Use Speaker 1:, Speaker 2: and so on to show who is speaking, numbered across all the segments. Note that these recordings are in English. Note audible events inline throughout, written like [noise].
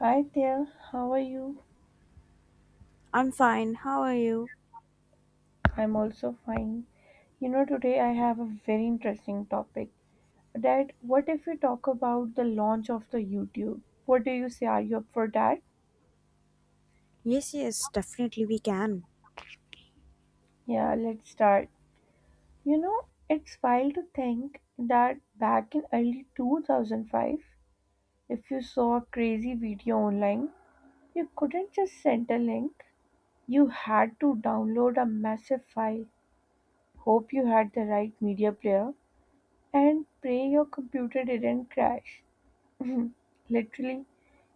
Speaker 1: Hi there, how are you?
Speaker 2: I'm fine. How are you?
Speaker 1: I'm also fine. You know, today I have a very interesting topic that what if we talk about the launch of the YouTube? What do you say? Are you up for that?
Speaker 2: Yes, definitely we can.
Speaker 1: Yeah, let's start. You know, it's wild to think that back in early 2005, if you saw a crazy video online, you couldn't just send a link. You had to download a massive file. Hope you had the right media player, and pray your computer didn't crash. [laughs] Literally,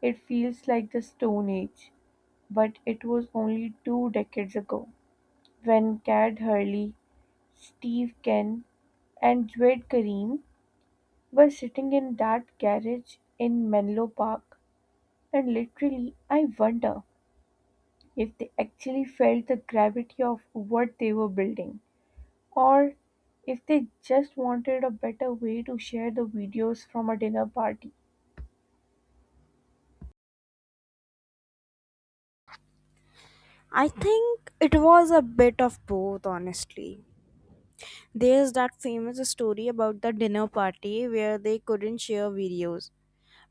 Speaker 1: it feels like the Stone Age, but it was only two decades ago when Cad Hurley, Steve Ken, and Jawed Karim were sitting in that garage in Menlo Park. And literally, I wonder if they actually felt the gravity of what they were building, or if they just wanted a better way to share the videos from a dinner party.
Speaker 2: I think it was a bit of both, honestly. There's that famous story about the dinner party where they couldn't share videos.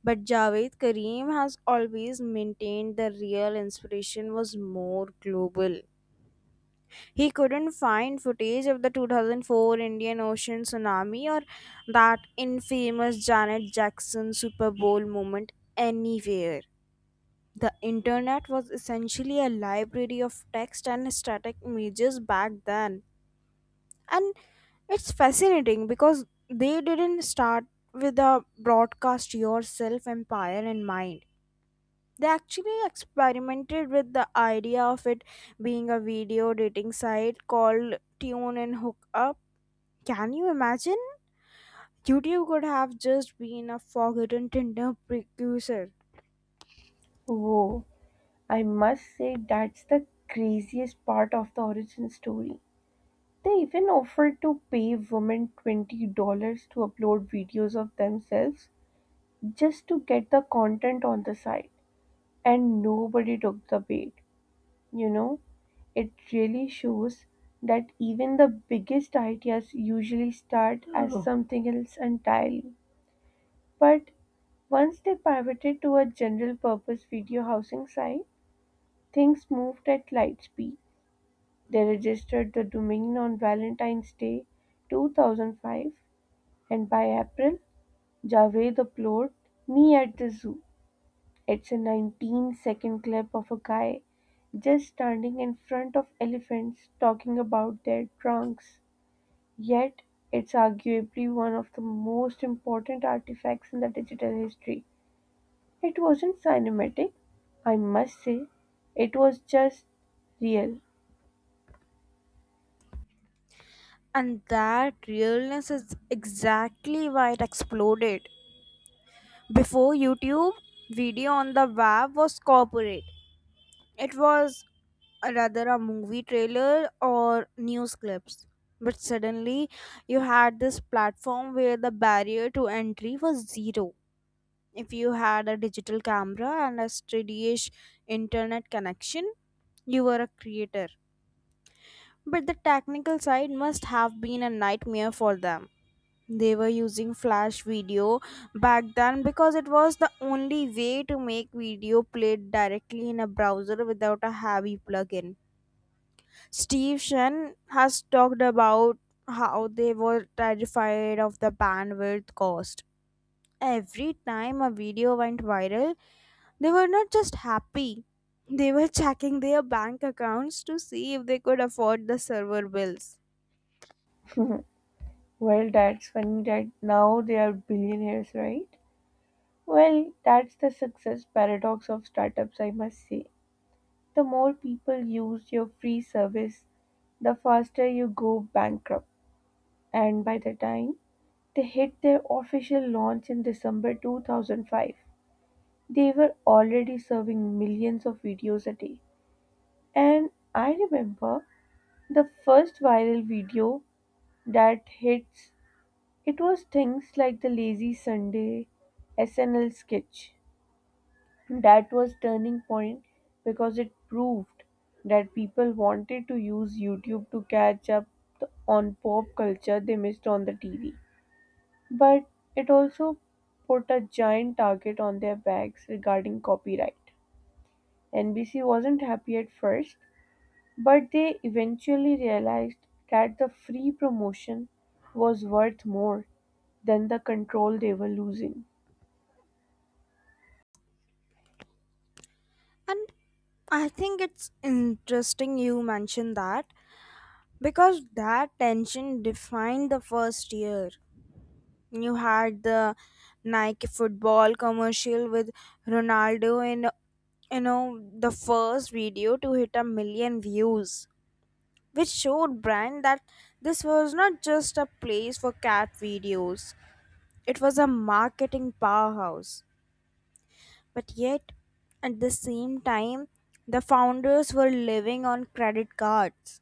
Speaker 2: But Javed Karim has always maintained the real inspiration was more global. He couldn't find footage of the 2004 Indian Ocean tsunami or that infamous Janet Jackson Super Bowl moment anywhere. The internet was essentially a library of text and static images back then. And it's fascinating because they didn't start with a broadcast yourself empire in mind. They actually experimented with the idea of it being a video dating site called Tune and Hookup. Can you imagine? YouTube could have just been a forgotten Tinder precursor.
Speaker 1: Whoa. I must say that's the craziest part of the origin story. They even offered to pay women $20 to upload videos of themselves just to get the content on the site, and nobody took the bait. You know, it really shows that even the biggest ideas usually start as, oh, something else entirely. But once they pivoted to a general purpose video housing site, things moved at light speed. They registered the domain on Valentine's Day 2005, and by April, Javed uploaded "Me at the Zoo." It's a 19-second clip of a guy just standing in front of elephants talking about their trunks. Yet, it's arguably one of the most important artifacts in the digital history. It wasn't cinematic, I must say. It was just real.
Speaker 2: And that realness is exactly why it exploded. Before YouTube, video on the web was corporate. It was rather a movie trailer or news clips. But suddenly, you had this platform where the barrier to entry was zero. If you had a digital camera and a steady-ish internet connection, you were a creator. But the technical side must have been a nightmare for them. They were using flash video back then because it was the only way to make video played directly in a browser without a heavy plugin. Steve Shen has talked about how they were terrified of the bandwidth cost. Every time a video went viral, they were not just happy, they were checking their bank accounts to see if they could afford the server bills.
Speaker 1: [laughs] Well, that's funny that now they are billionaires, right? Well, that's the success paradox of startups, I must say. The more people use your free service, the faster you go bankrupt. And by the time they hit their official launch in December 2005, they were already serving millions of videos a day. And I remember the first viral video that hits, it was things like the Lazy Sunday SNL sketch that was turning point because it proved that people wanted to use YouTube to catch up on pop culture they missed on the TV. But it also put a giant target on their backs regarding copyright. NBC wasn't happy at first, but they eventually realized that the free promotion was worth more than the control they were losing.
Speaker 2: And I think it's interesting you mentioned that. Because that tension defined the first year. You had the Nike football commercial with Ronaldo, in you know the first video to hit a million views, which showed brand that this was not just a place for cat videos. It was a marketing powerhouse. But yet, at the same time, the founders were living on credit cards.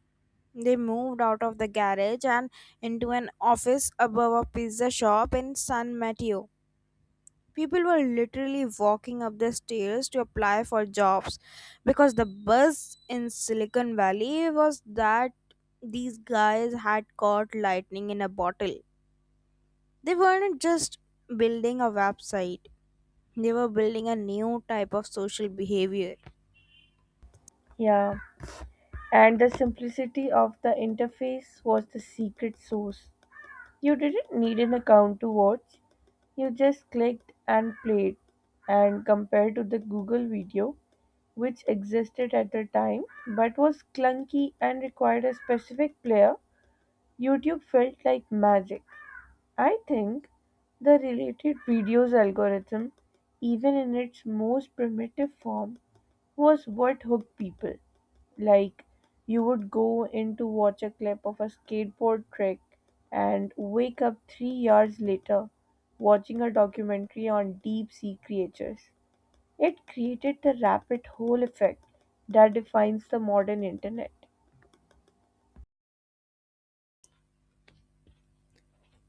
Speaker 2: They moved out of the garage and into an office above a pizza shop in San Mateo. People were literally walking up the stairs to apply for jobs because the buzz in Silicon Valley was that these guys had caught lightning in a bottle. They weren't just building a website, they were building a new type of social behavior.
Speaker 1: Yeah, and the simplicity of the interface was the secret sauce. You didn't need an account to watch, you just clicked and played. And compared to the Google video, which existed at the time but was clunky and required a specific player, YouTube felt like magic. I think the related videos algorithm, even in its most primitive form, was what hooked people. Like, you would go in to watch a clip of a skateboard trick and wake up 3 hours later watching a documentary on deep sea creatures. It created the rabbit hole effect that defines the modern internet.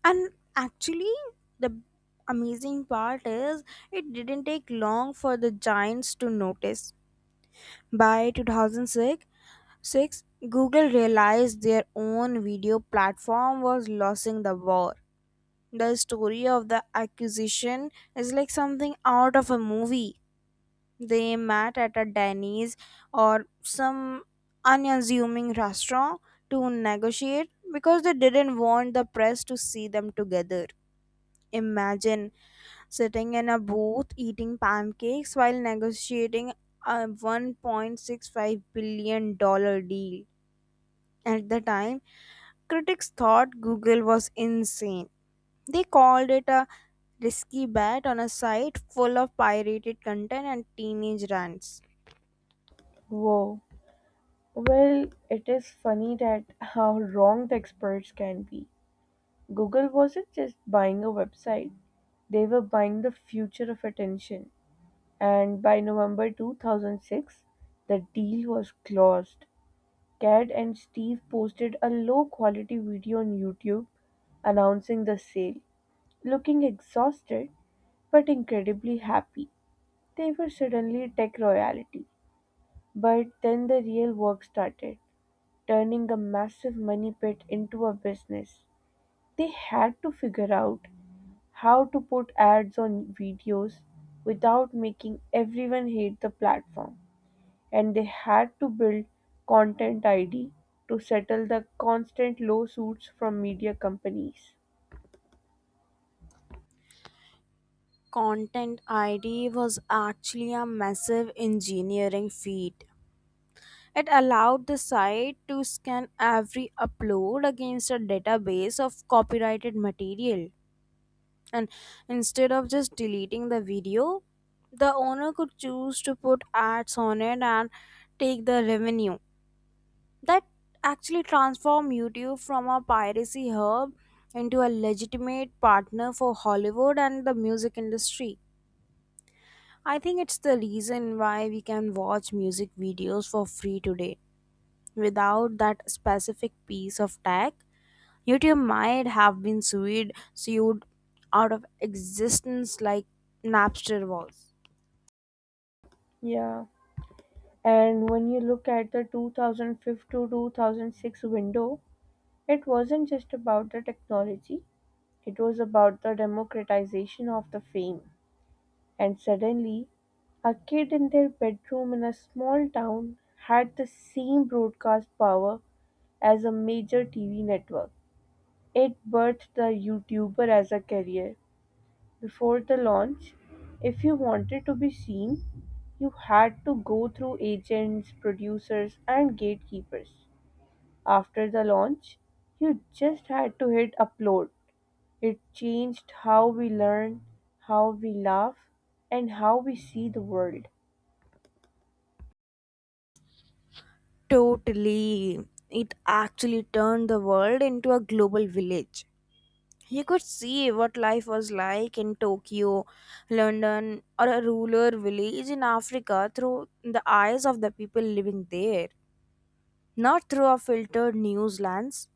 Speaker 2: And actually, the amazing part is it didn't take long for the giants to notice. By 2006, Google realized their own video platform was losing the war. The story of the acquisition is like something out of a movie. They met at a Denny's or some unassuming restaurant to negotiate because they didn't want the press to see them together. Imagine sitting in a booth eating pancakes while negotiating a 1.65 billion-dollar deal. At the time, critics thought Google was insane. They called it a risky bet on a site full of pirated content and teenage rants.
Speaker 1: Whoa. Well, it is funny that how wrong the experts can be. Google wasn't just buying a website, they were buying the future of attention. And by November 2006, the deal was closed. Cad and Steve posted a low quality video on YouTube announcing the sale. Looking exhausted but incredibly happy, they were suddenly tech royalty. But then the real work started, turning a massive money pit into a business. They had to figure out how to put ads on videos without making everyone hate the platform. And they had to build Content ID to settle the constant lawsuits from media companies.
Speaker 2: Content ID was actually a massive engineering feat. It allowed the site to scan every upload against a database of copyrighted material. And instead of just deleting the video, the owner could choose to put ads on it and take the revenue. That actually transformed YouTube from a piracy hub into a legitimate partner for Hollywood and the music industry. I think it's the reason why we can watch music videos for free today. Without that specific piece of tech, YouTube might have been sued out of existence like Napster was.
Speaker 1: Yeah. And when you look at the 2005 to 2006 window, it wasn't just about the technology, it was about the democratization of the fame. And suddenly, a kid in their bedroom in a small town had the same broadcast power as a major TV network. It birthed the YouTuber as a career. Before the launch, if you wanted to be seen, you had to go through agents, producers, and gatekeepers. After the launch, you just had to hit upload. It changed how we learn, how we laugh, and how we see the world.
Speaker 2: Totally. It actually turned the world into a global village. You could see what life was like in Tokyo, London, or a rural village in Africa through the eyes of the people living there, not through a filtered news lens.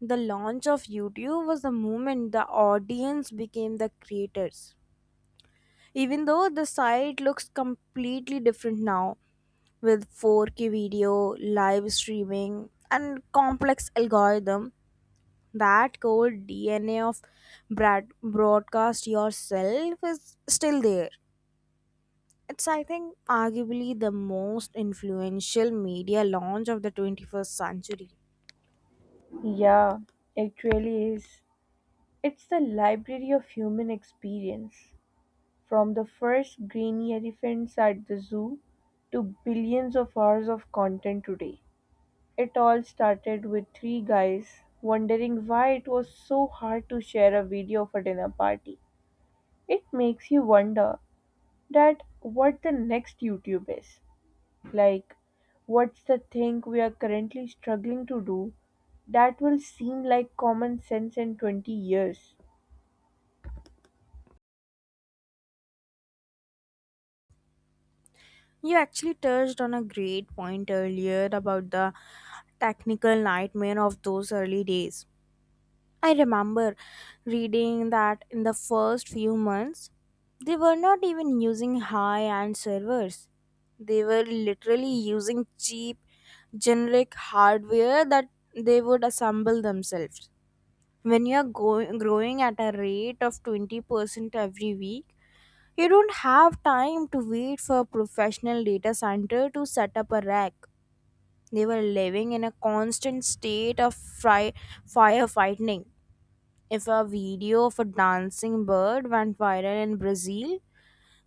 Speaker 2: The launch of YouTube was the moment the audience became the creators. Even though the site looks completely different now, with 4K video, live streaming, and complex algorithm, that cold DNA of broadcast yourself is still there. It's, I think, arguably the most influential media launch of the 21st century.
Speaker 1: Yeah, it really is. It's the library of human experience. From the first grainy elephants at the zoo to billions of hours of content today. It all started with three guys wondering why it was so hard to share a video of a dinner party. It makes you wonder that what the next YouTube is. Like, what's the thing we are currently struggling to do that will seem like common sense in 20 years?
Speaker 2: You actually touched on a great point earlier about the technical nightmare of those early days. I remember reading that in the first few months, they were not even using high end servers. They were literally using cheap, generic hardware that they would assemble themselves. When you are growing at a rate of 20% every week, you don't have time to wait for a professional data center to set up a rack. They were living in a constant state of firefighting. If a video of a dancing bird went viral in Brazil,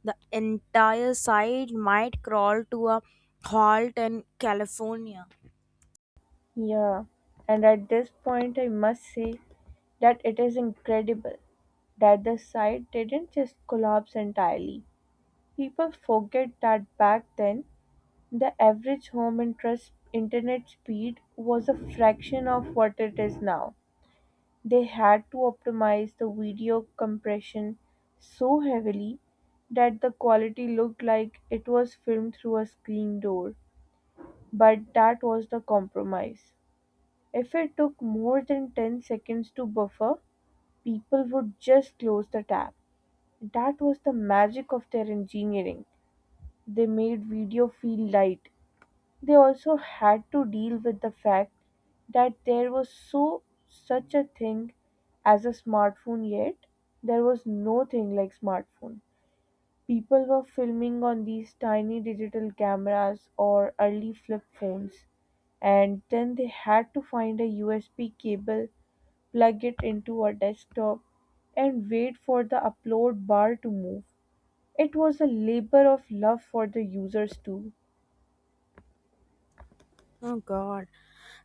Speaker 2: the entire site might crawl to a halt in California.
Speaker 1: Yeah, and at this point, I must say that it is incredible that the site didn't just collapse entirely. People forget that back then the average home interest internet speed was a fraction of what it is now. They had to optimize the video compression so heavily that the quality looked like it was filmed through a screen door. But that was the compromise. If it took more than 10 seconds to buffer, people would just close the tab. That was the magic of their engineering. They made video feel light. They also had to deal with the fact that there was such a thing as a smartphone yet. There was no thing like smartphone. People were filming on these tiny digital cameras or early flip phones, and then they had to find a USB cable, plug it into a desktop, and wait for the upload bar to move. It was a labor of love for the users too.
Speaker 2: Oh god,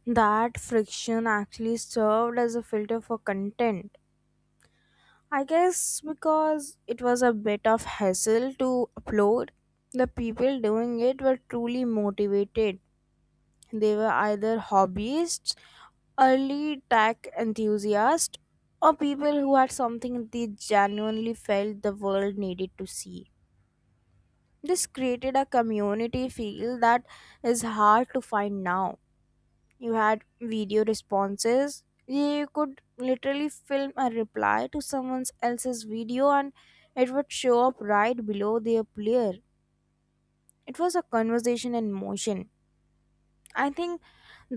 Speaker 2: that friction actually served as a filter for content. I guess because it was a bit of hassle to upload, the people doing it were truly motivated. They were either hobbyists, early tech enthusiasts, or people who had something they genuinely felt the world needed to see. This created a community feel that is hard to find now. You had video responses. You could literally film a reply to someone else's video and it would show up right below their player. It was a conversation in motion. I think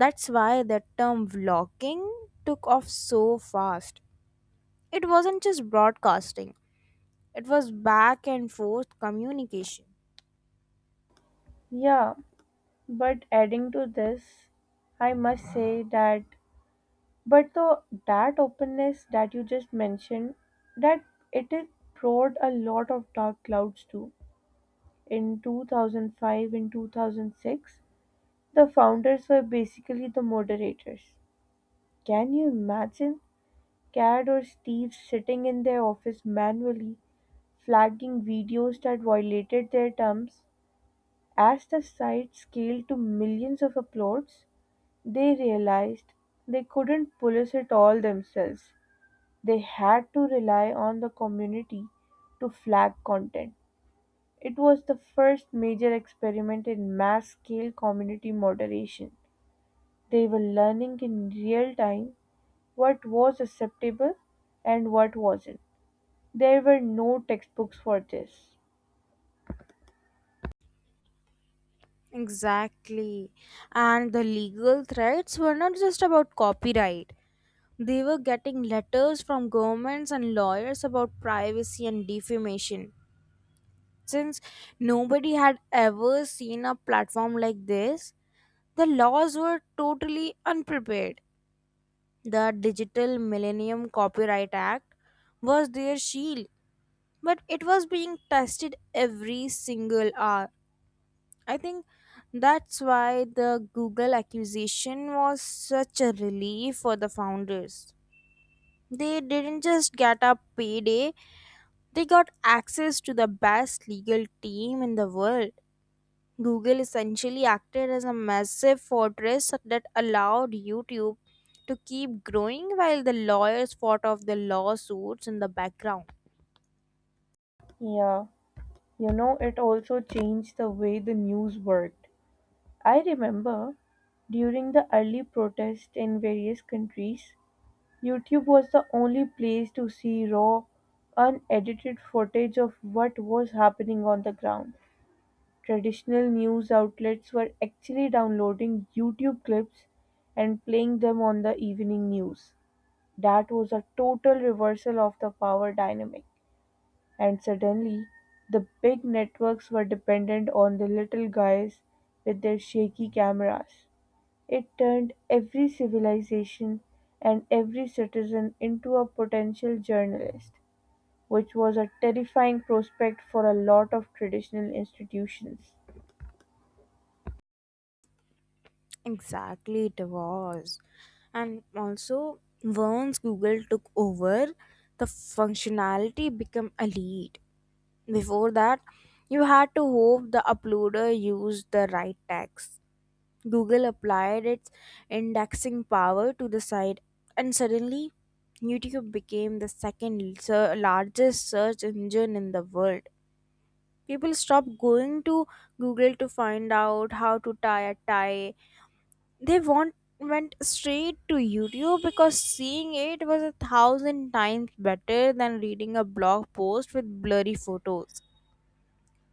Speaker 2: that's why the term vlogging took off so fast. It wasn't just broadcasting, it was back and forth communication.
Speaker 1: Yeah. But adding to this, I must say that, but the, that openness that you just mentioned, that it is brought a lot of dark clouds too. In 2005 and 2006, the founders were basically the moderators. Can you imagine Cad or Steve sitting in their office manually flagging videos that violated their terms as the site scaled to millions of uploads? They realized they couldn't police it all themselves. They had to rely on the community to flag content. It was the first major experiment in mass scale community moderation. They were learning in real time what was acceptable and what wasn't. There were no textbooks for this.
Speaker 2: Exactly, and the legal threats were not just about copyright. They were getting letters from governments and lawyers about privacy and defamation. Since nobody had ever seen a platform like this, the laws were totally unprepared. The Digital Millennium Copyright Act was their shield, but it was being tested every single hour. I think that's why the Google accusation was such a relief for the founders. They didn't just get a payday, they got access to the best legal team in the world. Google essentially acted as a massive fortress that allowed YouTube to keep growing while the lawyers fought off the lawsuits in the background.
Speaker 1: Yeah, you know, it also changed the way the news worked. I remember during the early protests in various countries, YouTube was the only place to see raw, unedited footage of what was happening on the ground. Traditional news outlets were actually downloading YouTube clips and playing them on the evening news. That was a total reversal of the power dynamic. And suddenly, the big networks were dependent on the little guys with their shaky cameras. It turned every civilization and every citizen into a potential journalist, which was a terrifying prospect for a lot of traditional institutions.
Speaker 2: Exactly, it was. And also, once Google took over, the functionality became elite. Before that, you had to hope the uploader used the right tags. Google applied its indexing power to the site, and suddenly YouTube became the largest search engine in the world. People stop going to Google to find out how to tie a tie. They want went straight to YouTube because seeing it was a thousand times better than reading a blog post with blurry photos,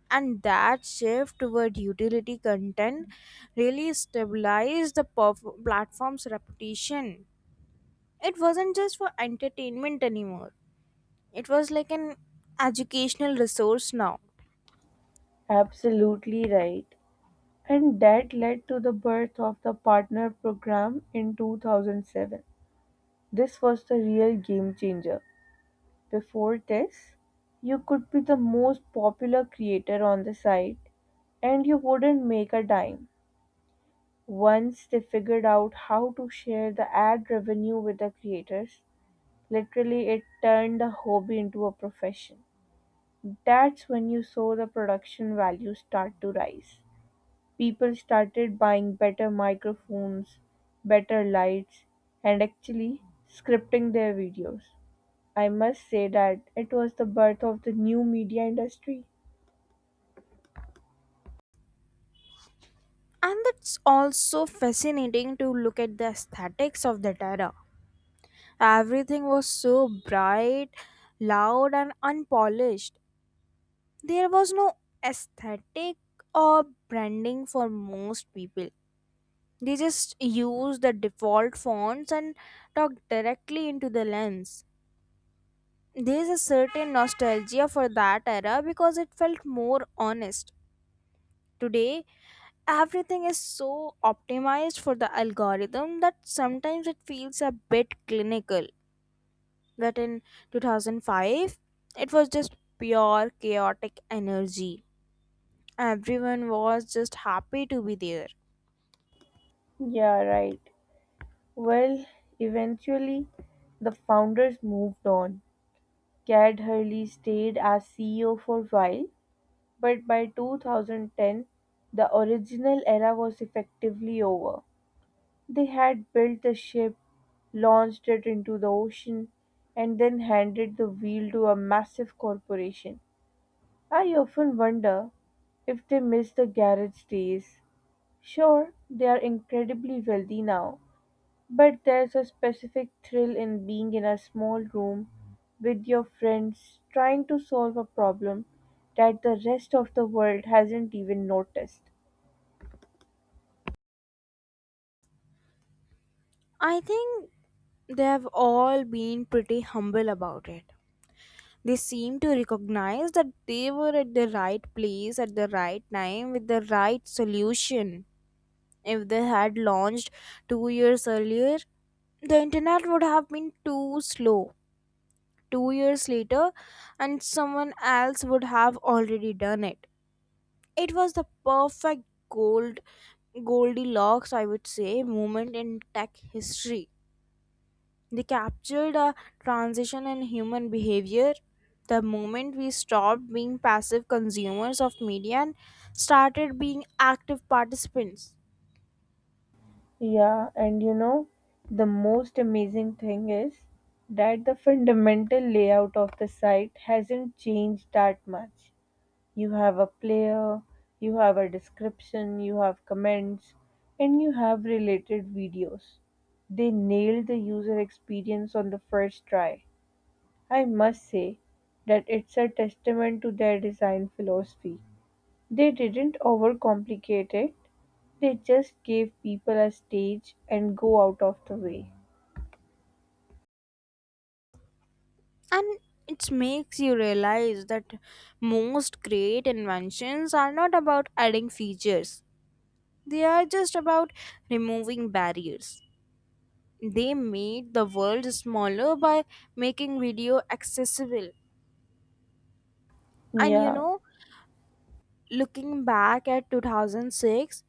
Speaker 2: and that shift toward utility content really stabilized the platform's reputation. It wasn't just for entertainment anymore, it was like an educational resource now.
Speaker 1: Absolutely right. And that led to the birth of the partner program in 2007. This was the real game changer. Before this, you could be the most popular creator on the site and you wouldn't make a dime. Once they figured out how to share the ad revenue with the creators, literally it turned a hobby into a profession. That's when you saw the production value start to rise. People started buying better microphones, better lights, and actually scripting their videos. I must say that it was the birth of the new media industry.
Speaker 2: And it's also fascinating to look at the aesthetics of that era. Everything was so bright, loud and unpolished. There was no aesthetic or branding for most people. They just use the default fonts and talk directly into the lens. There's a certain nostalgia for that era because it felt more honest. Today, everything is so optimized for the algorithm that sometimes it feels a bit clinical. But in 2005, it was just pure chaotic energy. Everyone was just happy to be there.
Speaker 1: Yeah, right. Well, eventually the founders moved on. Cad Hurley stayed as CEO for a while, but by 2010 the original era was effectively over. They had built the ship, launched it into the ocean, and then handed the wheel to a massive corporation. I often wonder if they miss the garage days. Sure, they are incredibly wealthy now, but there's a specific thrill in being in a small room with your friends trying to solve a problem that the rest of the world hasn't even noticed.
Speaker 2: I think they have all been pretty humble about it. They seemed to recognize that they were at the right place at the right time with the right solution. If they had launched 2 years earlier, the internet would have been too slow. 2 years later, and someone else would have already done it. It was the perfect gold Goldilocks, I would say, moment in tech history. They captured a transition in human behavior. The moment we stopped being passive consumers of media and started being active participants.
Speaker 1: Yeah, and you know, the most amazing thing is that the fundamental layout of the site hasn't changed that much. You have a player, you have a description, you have comments, and you have related videos. They nailed the user experience on the first try. I must say that it's a testament to their design philosophy. They didn't overcomplicate it, they just gave people a stage and go out of the way.
Speaker 2: And it makes you realize that most great inventions are not about adding features, they are just about removing barriers. They made the world smaller by making video accessible. And you
Speaker 1: Yeah.
Speaker 2: know, looking back at 2006,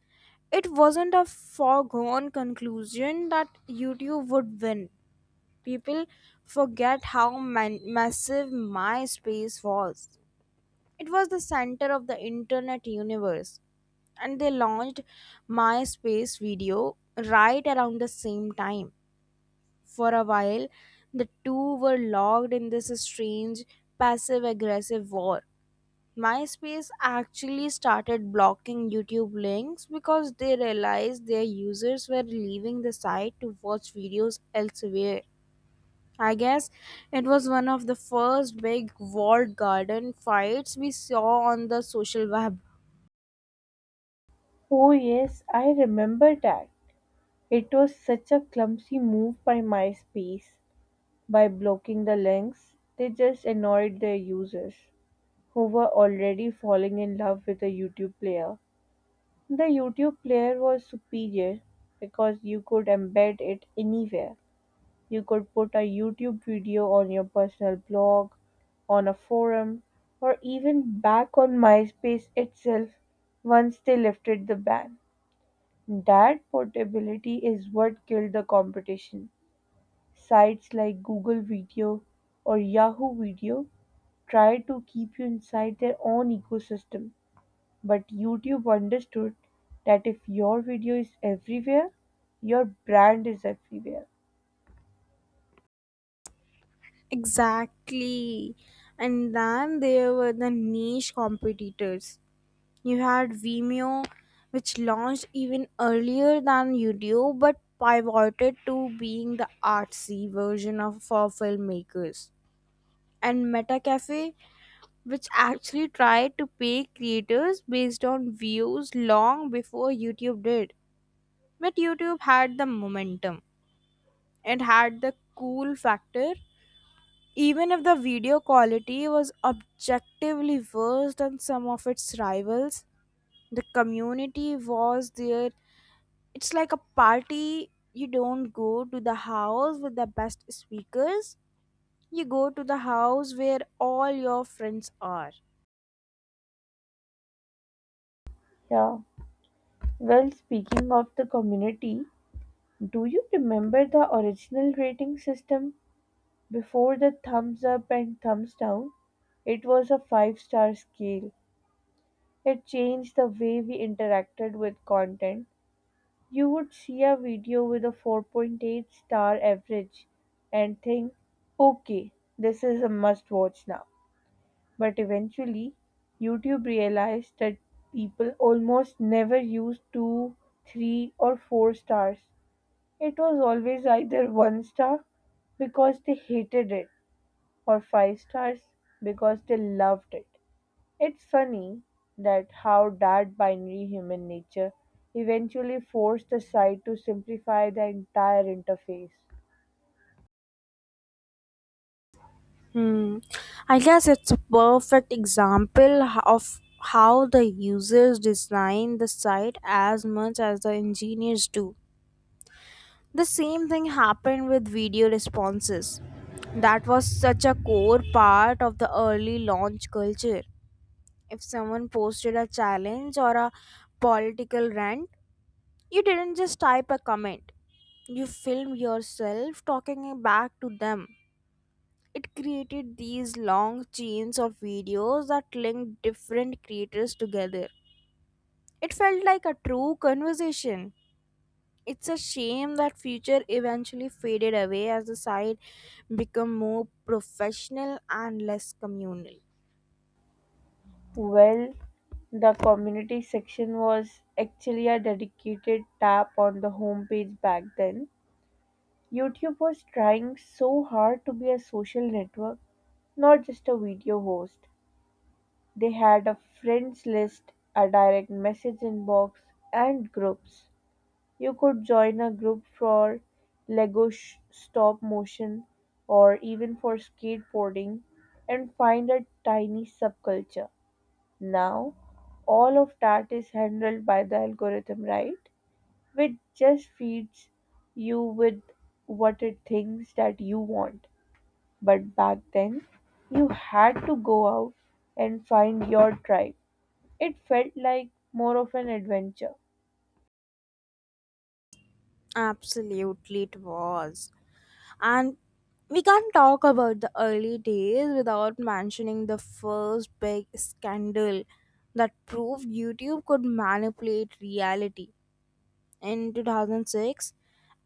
Speaker 2: it wasn't a foregone conclusion that YouTube would win. People forget how massive MySpace was. It was the center of the internet universe, and they launched MySpace video right around the same time. For a while, the two were locked in this strange passive aggressive war. MySpace actually started blocking YouTube links because they realized their users were leaving the site to watch videos elsewhere. I guess it was one of the first big walled garden fights we saw on the social web.
Speaker 1: Oh, yes, I remember that. It was such a clumsy move by MySpace. By blocking the links, they just annoyed their users who were already falling in love with the YouTube player. The YouTube player was superior because you could embed it anywhere. You could put a YouTube video on your personal blog, on a forum, or even back on MySpace itself once they lifted the ban. That portability is what killed the competition. Sites like Google Video or Yahoo Video try to keep you inside their own ecosystem. But YouTube understood that if your video is everywhere, your brand is everywhere.
Speaker 2: Exactly. And then there were the niche competitors. You had Vimeo, which launched even earlier than YouTube but pivoted to being the artsy version of for filmmakers. And MetaCafe, which actually tried to pay creators based on views long before YouTube did. But YouTube had the momentum. It had the cool factor. Even if the video quality was objectively worse than some of its rivals, the community was there. It's like a party. You don't go to the house with the best speakers. You go to the house where all your friends are.
Speaker 1: Yeah. Well, speaking of the community, do you remember the original rating system before the thumbs up and thumbs down? It was a five-star scale. It changed the way we interacted with content. You would see a video with a 4.8-star average and think, okay, this is a must watch now. But eventually, YouTube realized that people almost never used 2, 3, or 4 stars. It was always either 1 star because they hated it, or 5 stars because they loved it. It's funny that how that binary human nature eventually forced the site to simplify the entire interface.
Speaker 2: Hmm. I guess it's a perfect example of how the users design the site as much as the engineers do. The same thing happened with video responses. That was such a core part of the early launch culture. If someone posted a challenge or a political rant, you didn't just type a comment, you filmed yourself talking back to them. It created these long chains of videos that linked different creators together. It felt like a true conversation. It's a shame that future eventually faded away as the site became more professional and less communal.
Speaker 1: Well, the community section was actually a dedicated tab on the homepage back then. YouTube was trying so hard to be a social network, not just a video host. They had a friends list, a direct message inbox, and groups. You could join a group for Lego stop motion or even for skateboarding and find a tiny subculture. Now, all of that is handled by the algorithm, right? Which just feeds you with what it thinks that you want. But back then, you had to go out and find your tribe. It felt like more of an adventure.
Speaker 2: Absolutely, it was. And we can't talk about the early days without mentioning the first big scandal that proved YouTube could manipulate reality. In 2006,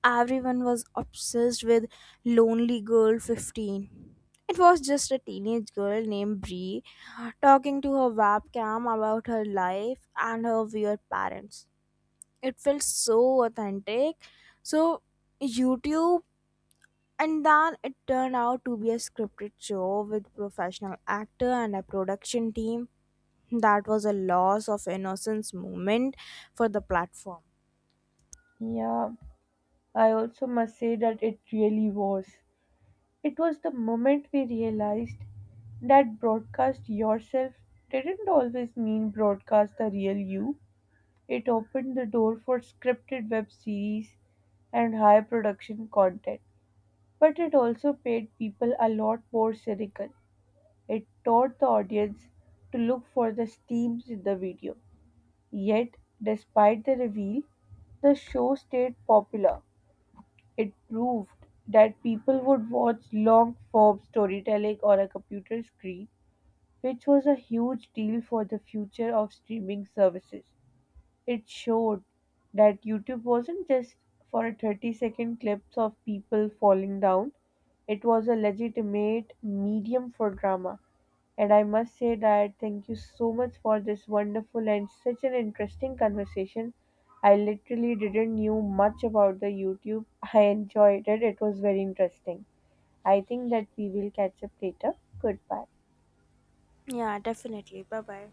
Speaker 2: everyone was obsessed with Lonely Girl 15. It was just a teenage girl named Bree talking to her webcam about her life and her weird parents. It felt so authentic, so YouTube. And then it turned out to be a scripted show with professional actor and a production team. That was a loss of innocence moment for the platform.
Speaker 1: Yeah. I also must say that it really was. It was the moment we realized that broadcast yourself didn't always mean broadcast the real you. It opened the door for scripted web series and high production content. But it also made people a lot more cynical. It taught the audience to look for the themes in the video. Yet, despite the reveal, the show stayed popular. It proved that people would watch long-form storytelling on a computer screen, which was a huge deal for the future of streaming services. It showed that YouTube wasn't just for a 30-second clips of people falling down, it was a legitimate medium for drama. And I must say that thank you so much for this wonderful and such an interesting conversation. I literally didn't knew much about the YouTube. I enjoyed it. It was very interesting. I think that we will catch up later. Goodbye.
Speaker 2: Yeah, definitely, bye bye.